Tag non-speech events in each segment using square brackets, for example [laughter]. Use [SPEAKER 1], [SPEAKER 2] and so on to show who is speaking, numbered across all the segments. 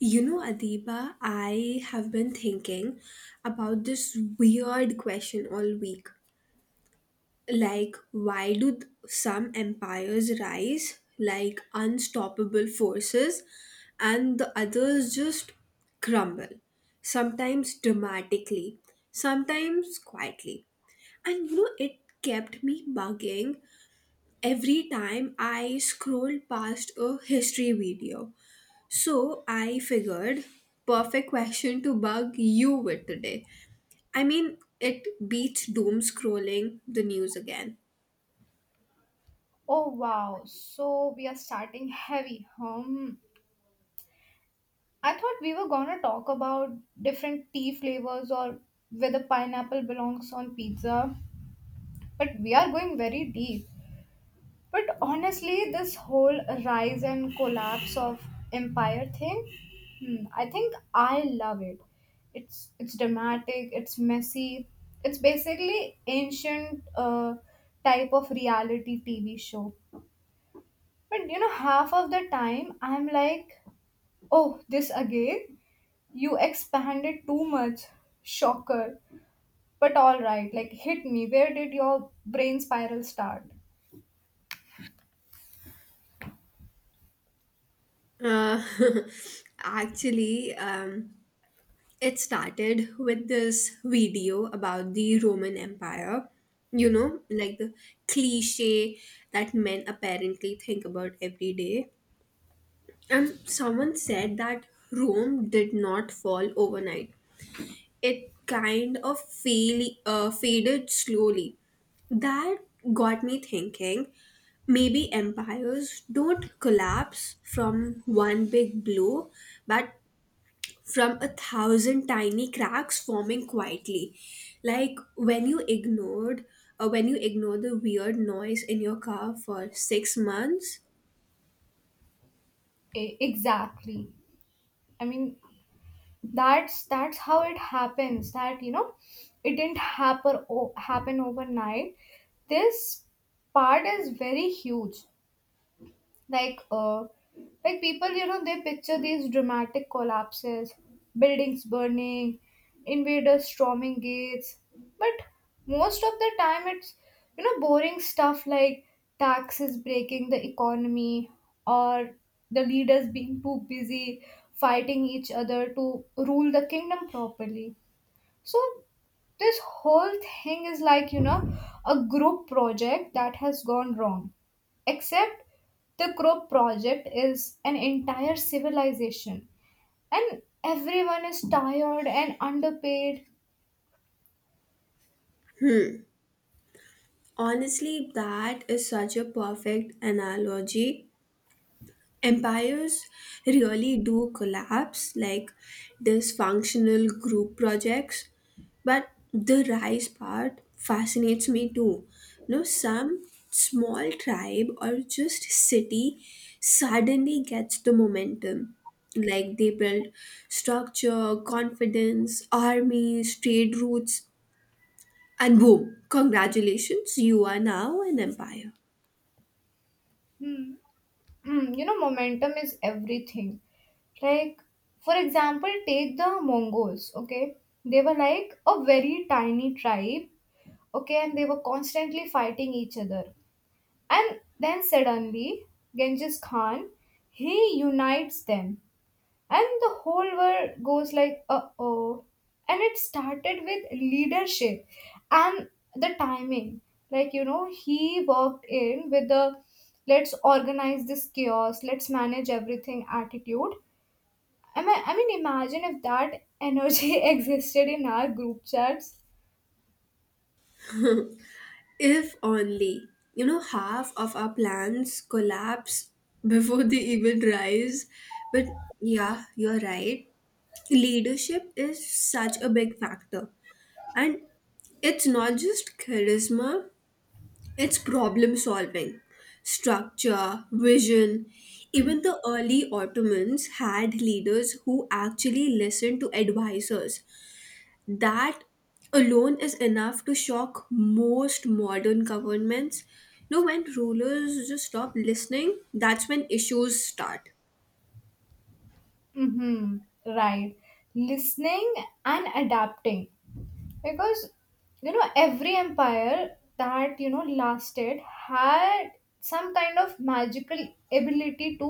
[SPEAKER 1] You know, Adiba, I have been thinking about this weird question all week. Like, why do some empires rise like unstoppable forces and the others just crumble? Sometimes dramatically, sometimes quietly. And you know, it kept me bugging every time I scrolled past a history video, so I figured perfect question to bug you with today. I mean, it beats doom scrolling the news again.
[SPEAKER 2] Oh wow, so we are starting heavy. I thought we were gonna talk about different tea flavors or whether pineapple belongs on pizza, but we are going very deep. But honestly, this whole rise and collapse of empire thing, I think I love it. It's dramatic, it's messy, it's basically ancient type of reality TV show. But half of the time I'm like, oh, this again? You expanded too much. Shocker. But alright, like hit me. Where did your brain spiral start?
[SPEAKER 1] Uh, [laughs] actually, it started with this video about the Roman Empire. You know, like the cliche that men apparently think about every day. And someone said that Rome did not fall overnight, it kind of faded slowly. That got me thinking maybe empires don't collapse from one big blow, but from a thousand tiny cracks forming quietly. Like when you when you ignore the weird noise in your car for 6 months.
[SPEAKER 2] Exactly. I mean, that's how it happens. It didn't happen overnight. This part is very huge. like uh like people, they picture these dramatic collapses, buildings burning, invaders storming gates, but most of the time it's, boring stuff like taxes breaking the economy, or the leaders being too busy fighting each other to rule the kingdom properly. So this whole thing is like, a group project that has gone wrong. Except the group project is an entire civilization and everyone is tired and underpaid.
[SPEAKER 1] Honestly, that is such a perfect analogy. Empires really do collapse like dysfunctional group projects, but the rise part fascinates me too. You know, some small tribe or just city suddenly gets the momentum, like they build structure, confidence, armies, trade routes, and boom, congratulations, you are now an empire.
[SPEAKER 2] Hmm. Hmm. You know, momentum is everything. Like, for example, take the Mongols, okay? They were like a very tiny tribe, okay, and they were constantly fighting each other. And then suddenly, Genghis Khan, he unites them. And the whole world goes like, uh-oh. And it started with leadership and the timing. Like, you know, he walked in with the let's organize this chaos, let's manage everything attitude. I mean imagine if that energy [laughs] existed in our group chats.
[SPEAKER 1] If only, you know, half of our plans collapse [laughs] before they even rise. But yeah, you're right. Leadership is such a big factor. And it's not just charisma, it's problem solving. Structure, vision. Even the early Ottomans had leaders who actually listened to advisors. That alone is enough to shock most modern governments. You know, when rulers just stop listening, that's when issues start.
[SPEAKER 2] Mm-hmm. Right. Listening and adapting. Because every empire that lasted had some kind of magical ability to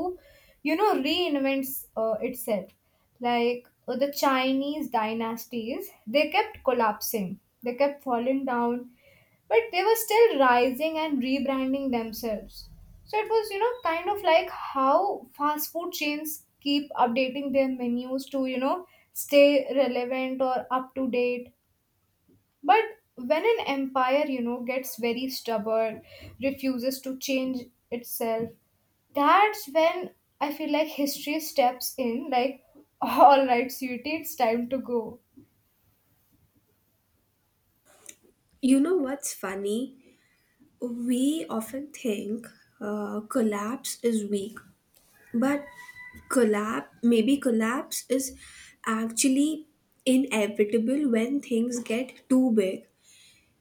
[SPEAKER 2] reinvent itself. The Chinese dynasties, they kept collapsing, they kept falling down, but they were still rising and rebranding themselves. So it was, kind of like how fast food chains keep updating their menus to, stay relevant or up to date. But when an empire, gets very stubborn, refuses to change itself, that's when I feel like history steps in, like, [laughs] all right, sweetie, it's time to go.
[SPEAKER 1] You know what's funny? We often think, collapse is weak, but collapse is actually inevitable when things get too big.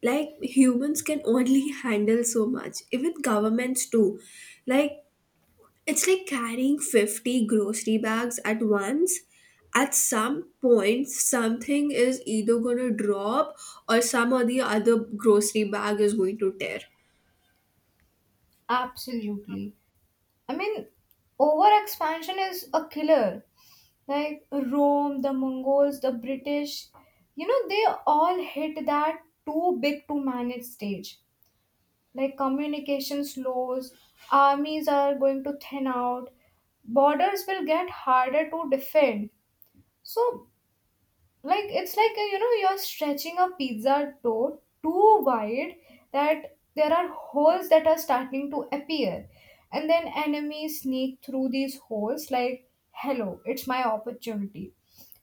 [SPEAKER 1] Like humans can only [laughs] handle so much, even governments too. Like, it's like carrying 50 grocery bags at once. At some point, something is either going to drop, or some or the other grocery bag is going to tear.
[SPEAKER 2] Absolutely. I mean, over expansion is a killer. Like Rome, the Mongols, the British, they all hit that too big to manage stage. Like communication slows, armies are going to thin out, borders will get harder to defend. So, like, it's like you're stretching a pizza dough too wide that there are holes that are starting to appear, and then enemies sneak through these holes, like, hello, it's my opportunity.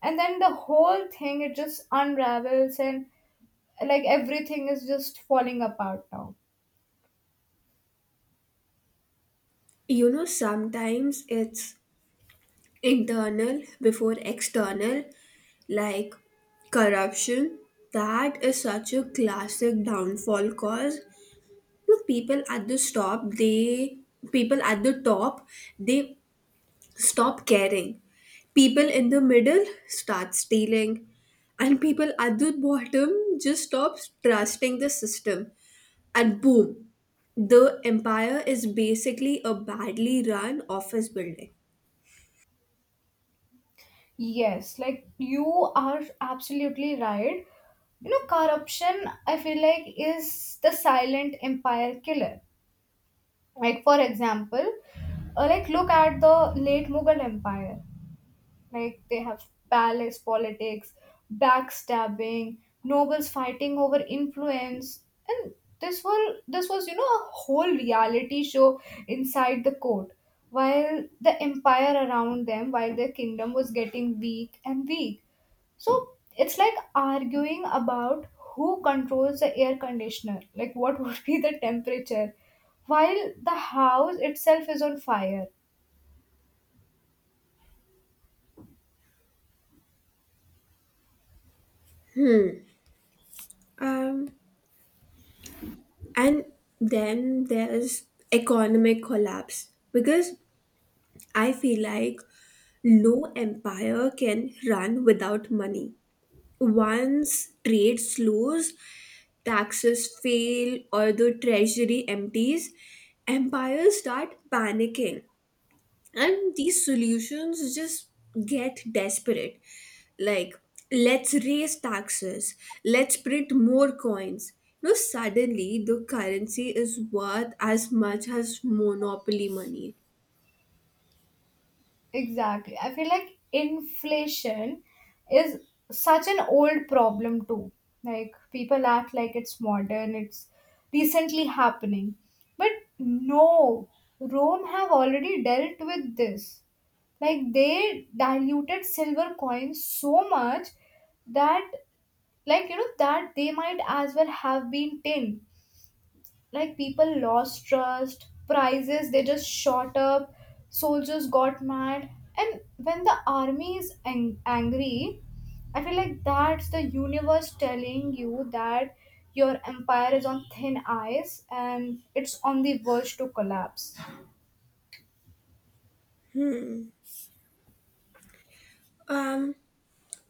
[SPEAKER 2] And then the whole thing, it just unravels, and like everything is just falling apart now.
[SPEAKER 1] You know, sometimes it's internal before external, like corruption. That is such a classic downfall cause. You know, people at the top, they stop caring, people in the middle start stealing, and people at the bottom just stop trusting the system, and boom, the empire is basically a badly run office building.
[SPEAKER 2] Yes, like you are absolutely right. You know, corruption, I feel like, is the silent empire killer. Like, for example, like look at the late Mughal Empire. Like, they have palace politics, backstabbing, nobles fighting over influence, and this was a whole reality show inside the court, while the empire around them, while their kingdom was getting weak and weak. So it's like arguing about who controls the air conditioner, like what [laughs] would be the temperature, while the house itself is on fire.
[SPEAKER 1] um, and then there's economic collapse, because I feel like no empire can run without money. Once trade slows, taxes fail, or the treasury empties, empires start panicking. And these solutions just get desperate. Like, let's raise taxes, let's print more coins. No, suddenly the currency is worth as much as monopoly money.
[SPEAKER 2] Exactly. I feel like inflation is such an old problem too. Like people act like it's modern, it's recently happening. But no, Rome have already dealt with this. Like they diluted silver coins so much that that they might as well have been tin. Like people lost trust, prices they just shot up, soldiers got mad, and when the army is angry, I feel like that's the universe telling you that your empire is on thin ice and it's on the verge to collapse.
[SPEAKER 1] Um,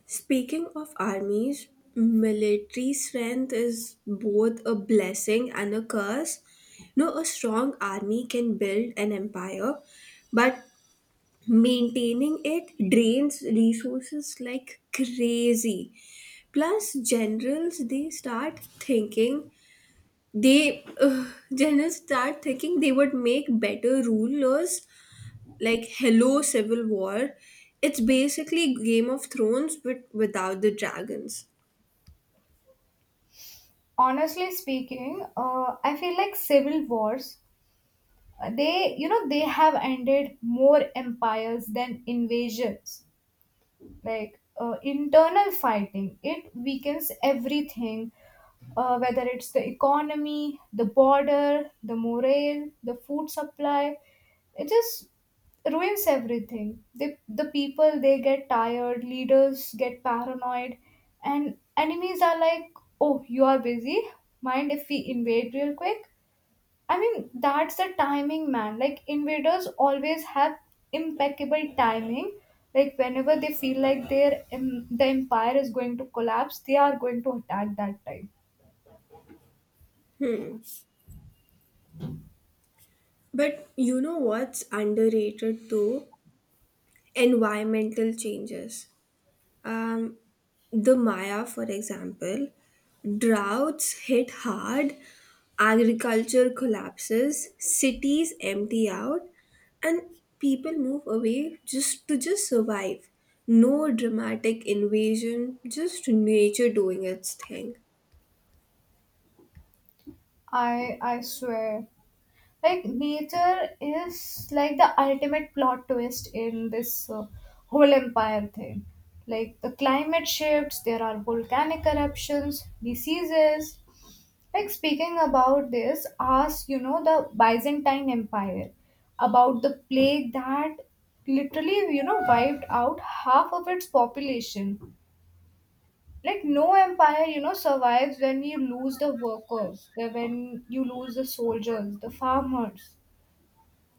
[SPEAKER 1] Speaking of armies, military strength is both a blessing and a curse. You know, a strong army can build an empire, but maintaining it drains resources like crazy. Plus, generals they start thinking they generals start thinking they would make better rulers. Like hello, civil war. It's basically Game of Thrones, but without the dragons.
[SPEAKER 2] Honestly speaking, I feel like civil wars, they you know they have ended more empires than invasions. Internal fighting, it weakens everything, whether it's the economy, the border, the morale, the food supply. It just ruins everything. They, the people, they get tired, leaders get paranoid, and enemies are like, oh, you are busy, mind if we invade real quick? I mean, that's the timing, man. Like, invaders always have impeccable timing. Like, whenever they feel like the empire is going to collapse, they are going to attack that time.
[SPEAKER 1] Hmm. But you know what's underrated too? Environmental changes. Um, the Maya, for example, droughts hit hard, agriculture collapses, cities empty out, and people move away just to just survive. No dramatic invasion, just nature doing its thing.
[SPEAKER 2] I swear. Like nature is like the ultimate plot twist in this whole empire thing. Like the climate shifts, there are volcanic eruptions, diseases. Like speaking about this, ask the Byzantine Empire about the plague that literally, wiped out half of its population. Like no empire, survives when you lose the workers, when you lose the soldiers, the farmers.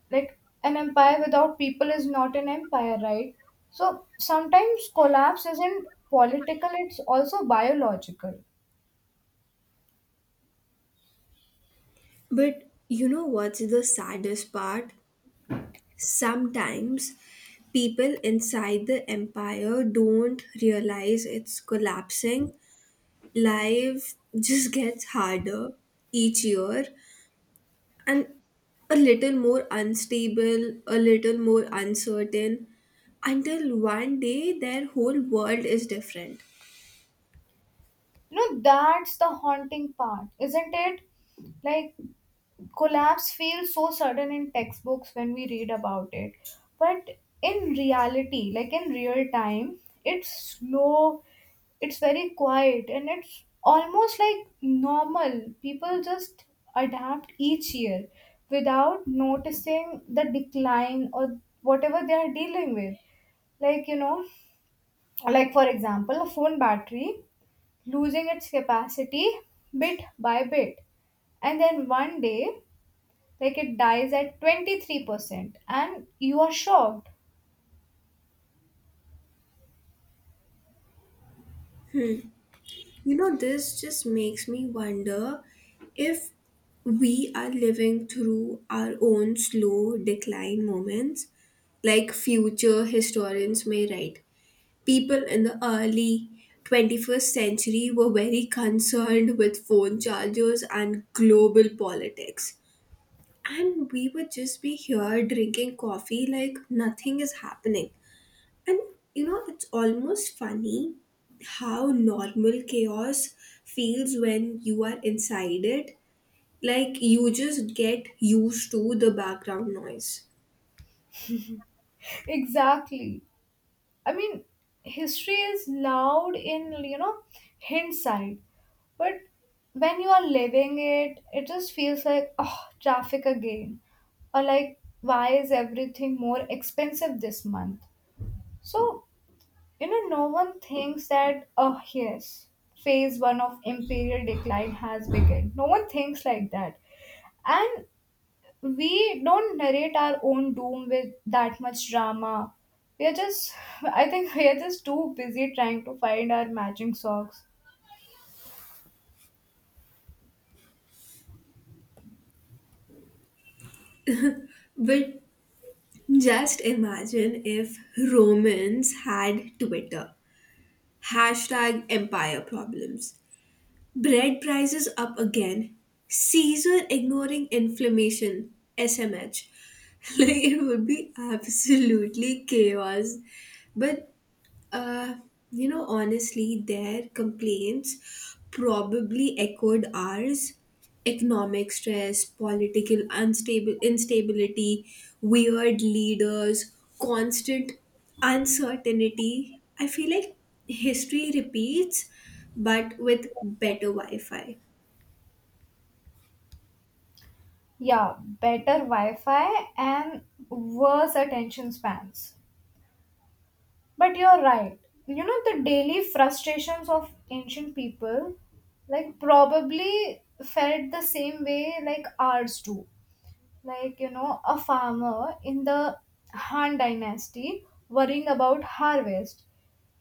[SPEAKER 2] Like an empire without people is not an empire, right? So sometimes collapse isn't political, it's also biological.
[SPEAKER 1] But you know what's the saddest part? Sometimes people inside the empire don't realize it's collapsing. Life just [laughs] gets harder each year and a little more unstable, a little more uncertain, until one day their whole world is different.
[SPEAKER 2] You know, that's the haunting part, isn't it? Like collapse feels so sudden in textbooks when we read about it, but in reality, like in real time, it's slow, it's very quiet, and it's almost like normal people just adapt each year without noticing the decline or whatever they are dealing with. like you know like, for example, a phone battery losing its capacity bit by bit, and then one day like it dies at 23% and you are shocked.
[SPEAKER 1] You know, this just makes me wonder if we are living through our own slow decline moments, like future historians may write. People in the early 21st century were very concerned with phone chargers and global politics. And we would just be here drinking coffee like nothing is happening. And you know, it's almost funny how normal chaos feels when you are inside it. Like you just get used to the background noise.
[SPEAKER 2] [laughs] Exactly. I mean, history is loud in, hindsight, but when you are living it, it just feels like, oh, traffic again, or like why is everything more expensive this month. So, no one thinks that, oh yes, phase one of imperial decline has begun. No one thinks like that. And we don't narrate our own doom with that much drama. We are just, [laughs] I think, we are just too busy trying to find our matching socks.
[SPEAKER 1] But just imagine if Romans had Twitter. Hashtag empire problems. Bread prices up again. Caesar ignoring inflammation. SMH. [laughs] Like it would be absolutely chaos. But Uh, you know, honestly, their complaints probably echoed ours. Economic stress, political unstable instability, weird leaders, constant uncertainty. I feel like history repeats, but with better Wi-Fi.
[SPEAKER 2] Yeah, better Wi Fi and worse attention spans. But you're right. You know, the daily frustrations of ancient people, like, probably felt the same way like ours do. A farmer in the Han dynasty worrying about harvest,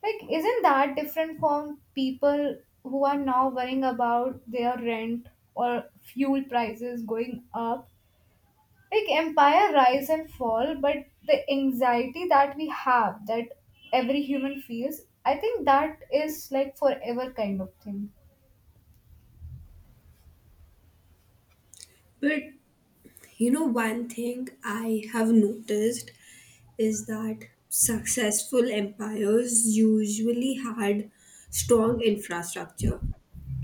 [SPEAKER 2] like isn't that different from people who are now worrying about their rent or fuel prices going up. Like empire rise and fall, but the anxiety that we have, that every human feels, I think that is like forever kind of thing.
[SPEAKER 1] But you know, one thing I have noticed is that successful empires usually had strong infrastructure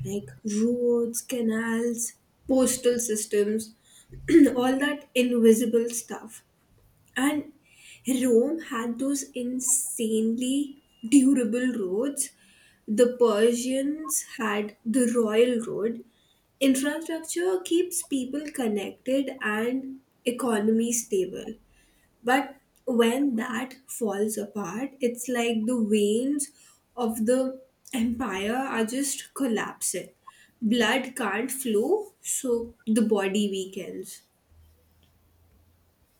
[SPEAKER 1] like roads, canals, postal systems, [clears throat] all that invisible stuff. And Rome had those insanely durable roads. The Persians had the Royal Road. Infrastructure keeps people connected and economy stable. But when that falls apart, it's like the veins of the empire are just collapsing. Blood can't flow, so the body weakens.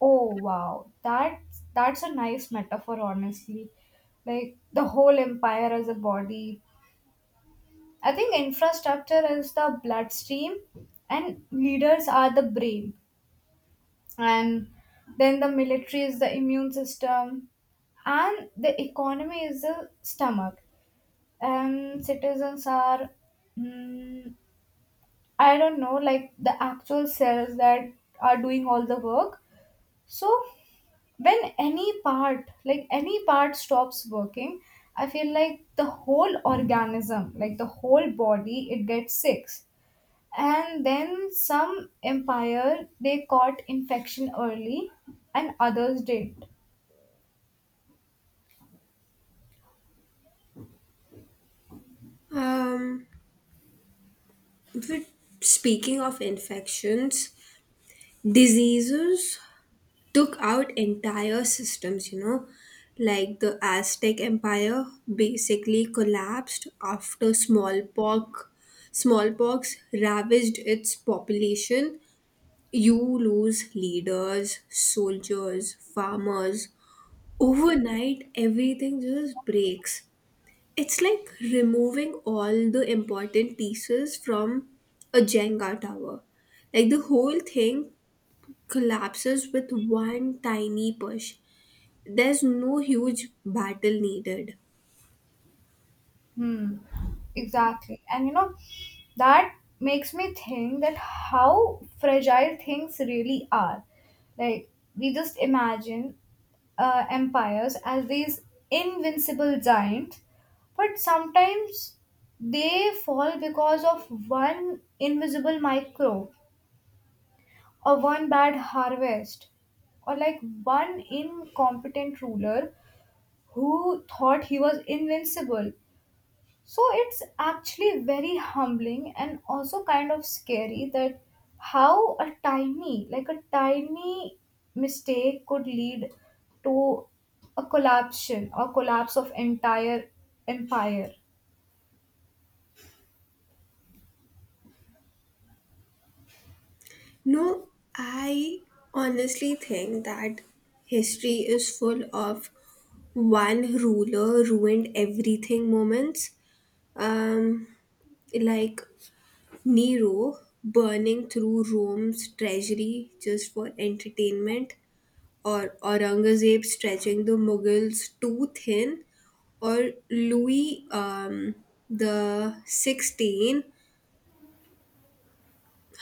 [SPEAKER 2] Oh wow, that's a nice metaphor, honestly. Like the whole empire as a body. I think infrastructure is the bloodstream, and leaders are the brain, and then the military is the immune system, and the economy is the stomach, and citizens are, mm, I don't know, like the actual cells that are doing all the work. So when any part, like any part stops working, I feel like the whole organism, like the whole body, it gets sick. And then some empire they caught infection early and others did not.
[SPEAKER 1] Um, but speaking of infections, diseases took out entire systems, you know, like the Aztec Empire basically collapsed after smallpox. Smallpox ravaged its population. You lose leaders, soldiers, farmers. Overnight, everything just breaks. It's like removing all the important pieces from a Jenga tower. Like the whole thing collapses with one tiny push. There's no huge battle needed.
[SPEAKER 2] Hmm. Exactly. And you know, that makes me think that how fragile things really are. Like, we just imagine empires as these invincible giants, but sometimes they fall because of one invisible microbe, or one bad harvest, or like one incompetent ruler who thought he was invincible. So it's actually very humbling and also kind of scary that how a tiny, like a tiny mistake could lead to a collapsion or collapse of entire empire. [laughs]
[SPEAKER 1] No, I honestly think that history is full of one ruler ruined everything moments. um like Nero burning through Rome's treasury just for entertainment, or Aurangzeb stretching the Mughals too thin, or Louis the XVI,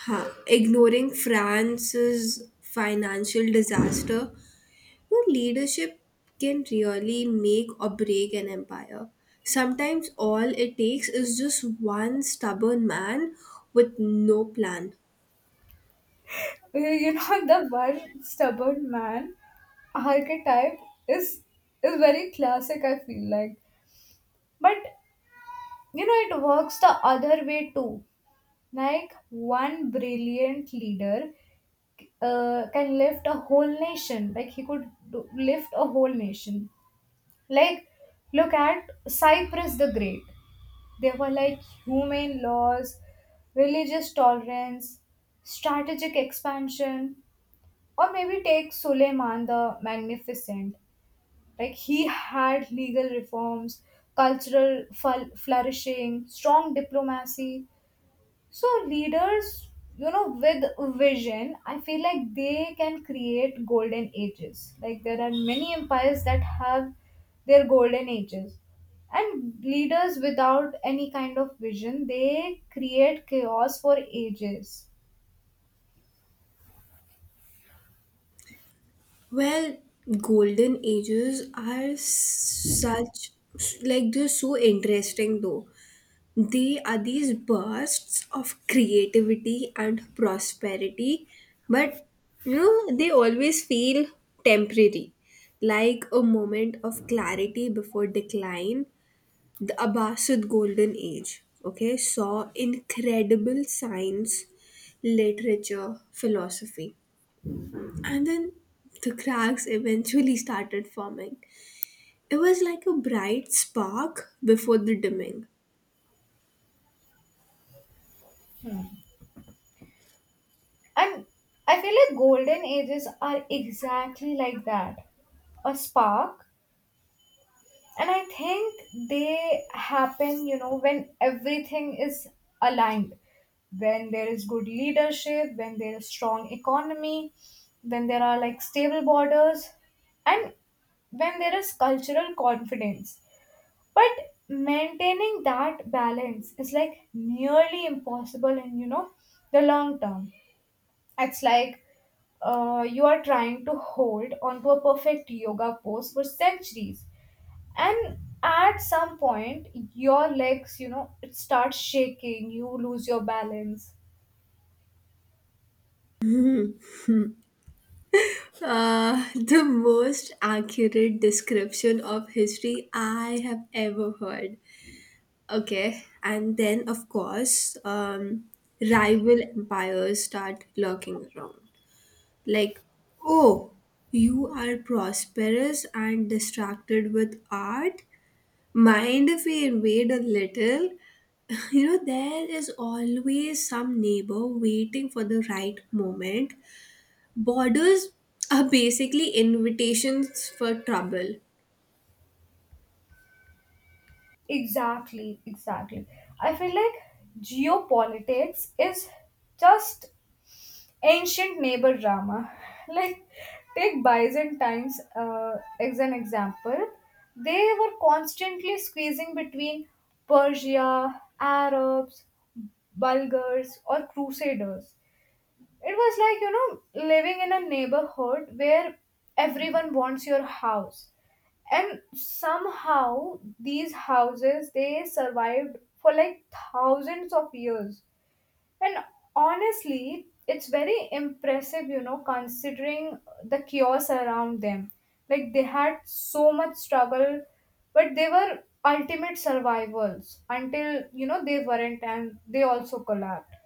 [SPEAKER 1] ignoring France's financial disaster. Well, leadership can really make or break an empire. Sometimes all it takes is just one stubborn man with no plan.
[SPEAKER 2] You know, the one stubborn man archetype is is very classic, I feel like. But you know, it works the other way too. Like one brilliant leader can lift a whole nation. Like he could do, lift a whole nation. Like look at Cyprus the Great. They were like humane laws, religious tolerance, strategic expansion, or maybe take Suleiman the Magnificent. Like he had legal reforms, cultural ful flourishing, strong diplomacy. So leaders, with vision, I feel like they can create golden ages. Like there are many empires that have their golden ages. And leaders without any kind of vision, they create chaos for ages.
[SPEAKER 1] Well, golden ages are such, like they're so interesting though. They are these bursts of creativity and prosperity, but you know, they always feel temporary, like a moment of clarity before decline. The Abbasid Golden Age, okay, saw incredible science, literature, philosophy. And then the cracks eventually started forming. It was like a bright spark before the dimming.
[SPEAKER 2] And I feel like golden ages are exactly like that. A spark. And I think they happen, when everything is aligned, when there is good leadership, when there is strong economy, when there are like stable borders, and when there is cultural confidence. But maintaining that balance is like nearly impossible in, the long term. It's like you are trying to hold onto a perfect yoga pose for centuries, and at some point your legs, it starts shaking, you lose your balance.
[SPEAKER 1] The most accurate description of history I have ever heard. Okay, and then of course, rival empires start lurking around. Like, oh, you are prosperous and distracted with art? Mind if we invade a little? [laughs] You know, there is always some neighbor waiting for the right moment. Borders are basically invitations for trouble.
[SPEAKER 2] Exactly, exactly. I feel like geopolitics is just ancient neighbor drama. [laughs] Like take byzantines as an example. They were constantly squeezing between Persia, Arabs, Bulgars, or Crusaders. It was like, living in a neighborhood where everyone wants your house. And somehow these houses, they survived for like thousands of years. And honestly, it's very impressive, considering the chaos around them. Like they had so much struggle, but they were ultimate survivors until, they weren't, and they also collapsed.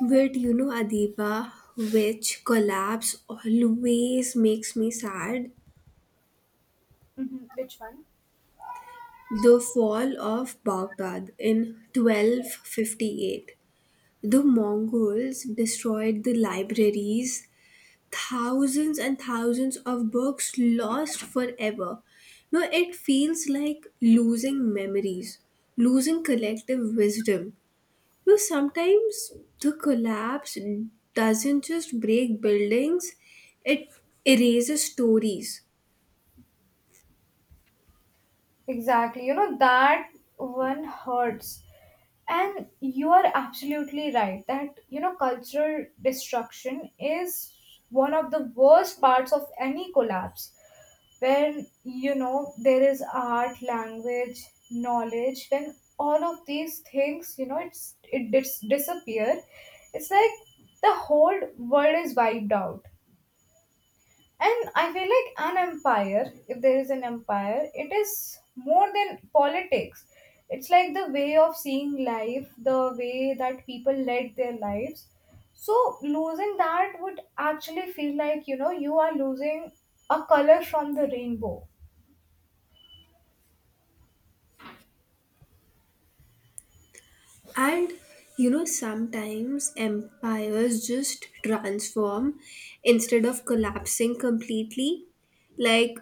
[SPEAKER 1] But you know, Adiba, which collapse always makes me sad?
[SPEAKER 2] Hmm, which one?
[SPEAKER 1] The fall of Baghdad in 1258. The Mongols destroyed the libraries, thousands and thousands of books lost forever. Now it feels like losing memories, losing collective wisdom. You sometimes the collapse doesn't just break buildings, it erases stories.
[SPEAKER 2] Exactly. You know, that one hurts. And you are absolutely right that, you know, cultural destruction is one of the worst parts of any collapse. When, you know, there is art, language, knowledge, when all of these things, you know, it's it disappear, it's like the whole world is wiped out. And I feel like an empire, if there is an empire, it is more than politics. It's like the way of seeing life, the way that people led their lives. So losing that would actually feel like, you know, you are losing a color from the rainbow.
[SPEAKER 1] And you know, sometimes empires just transform instead of collapsing completely. Like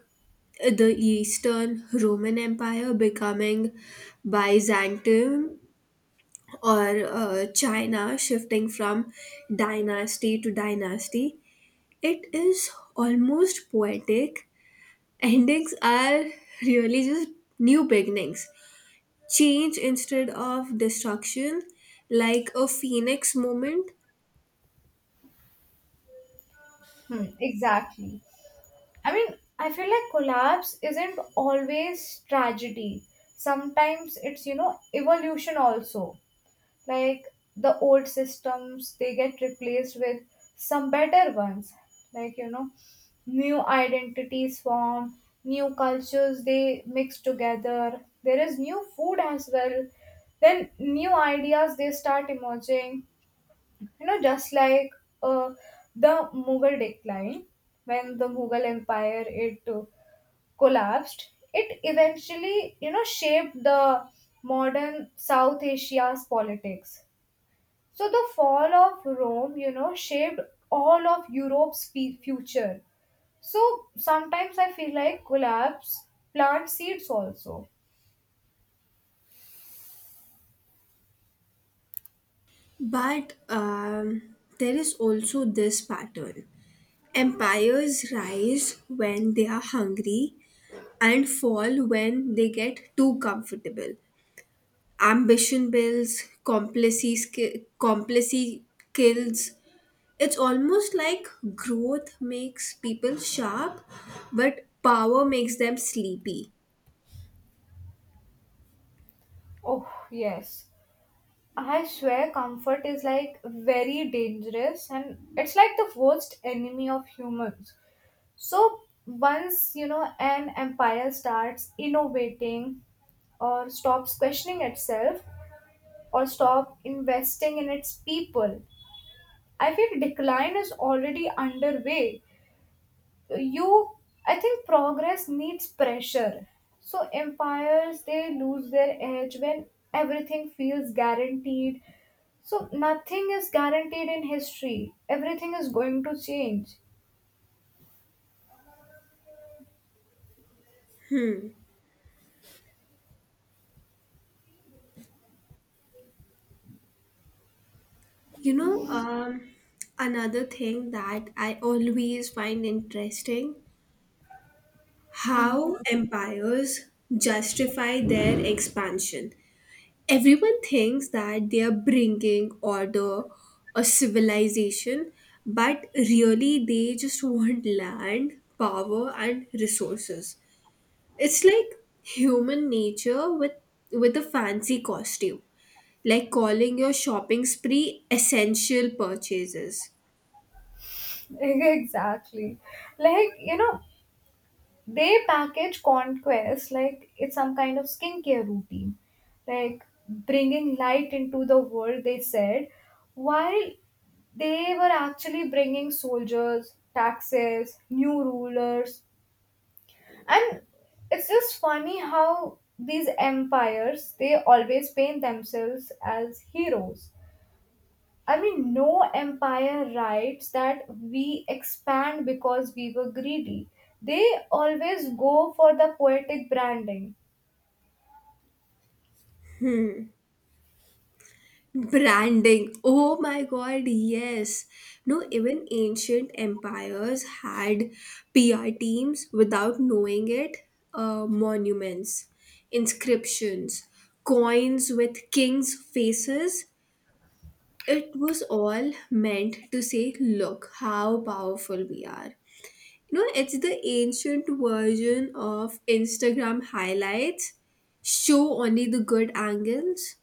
[SPEAKER 1] the Eastern Roman Empire becoming Byzantium, or China shifting from dynasty to dynasty. It is almost poetic. Endings are really just new beginnings, change instead of destruction, like a phoenix moment.
[SPEAKER 2] Hmm, exactly. I mean, I feel like collapse isn't always tragedy. Sometimes it's, you know, evolution also. Like the old systems, they get replaced with some better ones. like you know new identities form, new cultures they mix together, there is new food as well, then new ideas, they start emerging, just like uh, the mughal decline. When the Mughal Empire, it collapsed, it eventually, shaped the modern South Asia's politics. So the fall of Rome, shaped all of Europe's future. So sometimes I feel like collapse plant seeds also.
[SPEAKER 1] But there is also this pattern, empires rise when they are hungry and fall when they get too comfortable. Ambition builds, complacency kills. It's almost like growth makes people sharp, but power makes them sleepy.
[SPEAKER 2] Oh, yes. I swear comfort is like very dangerous, and it's like the worst enemy of humans. So once, an empire starts innovating, or stops questioning itself, or stop investing in its people, I feel decline is already underway. You, I think progress needs pressure. So empires, they lose their edge when everything feels guaranteed. So nothing is guaranteed in history. Everything is going to change.
[SPEAKER 1] You know, another thing that I always find interesting,
[SPEAKER 2] Hmm. [laughs]
[SPEAKER 1] how empires justify their expansion. Everyone thinks that they are bringing order or civilization, but really they just want land, power, and resources. It's like human nature with a fancy costume, like calling your shopping spree essential purchases.
[SPEAKER 2] Exactly. Like, you know, they package conquest like it's some kind of skincare routine. Like bringing light into the world, they said, while they were actually bringing soldiers, taxes, new rulers, and it's just funny how these empires, they always paint themselves as heroes. I mean, no empire writes that we expand because we were greedy. They always go for the poetic branding.
[SPEAKER 1] Branding. Oh my god, yes. No, even ancient empires had PR teams without knowing it. Monuments, inscriptions, coins with kings' faces. It was all meant to say, look how powerful we are. You know, it's the ancient version of Instagram highlights. Show only the good angles.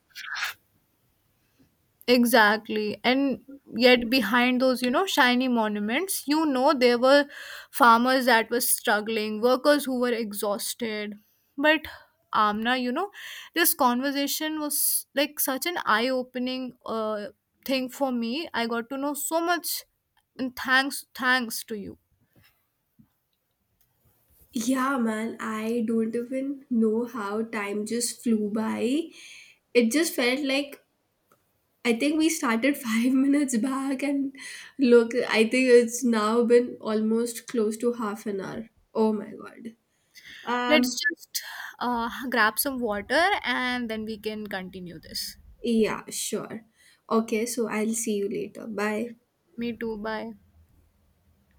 [SPEAKER 2] Exactly. And yet, behind those, you know, shiny monuments, you know, there were farmers that were struggling, workers who were exhausted. But Amna, you know, this conversation was like such an eye opening thing for me. I got to know so much, and thanks to you.
[SPEAKER 1] Yeah, man, I don't even know how time just flew by. It just felt like I think we started [laughs] 5 minutes back, and look, I think it's now been almost close to half an hour. Oh my god.
[SPEAKER 2] Let's
[SPEAKER 1] Um,
[SPEAKER 2] just grab some water and then we can continue this.
[SPEAKER 1] yeah, sure. Okay, so I'll see you later. Bye.
[SPEAKER 2] Me too. Bye.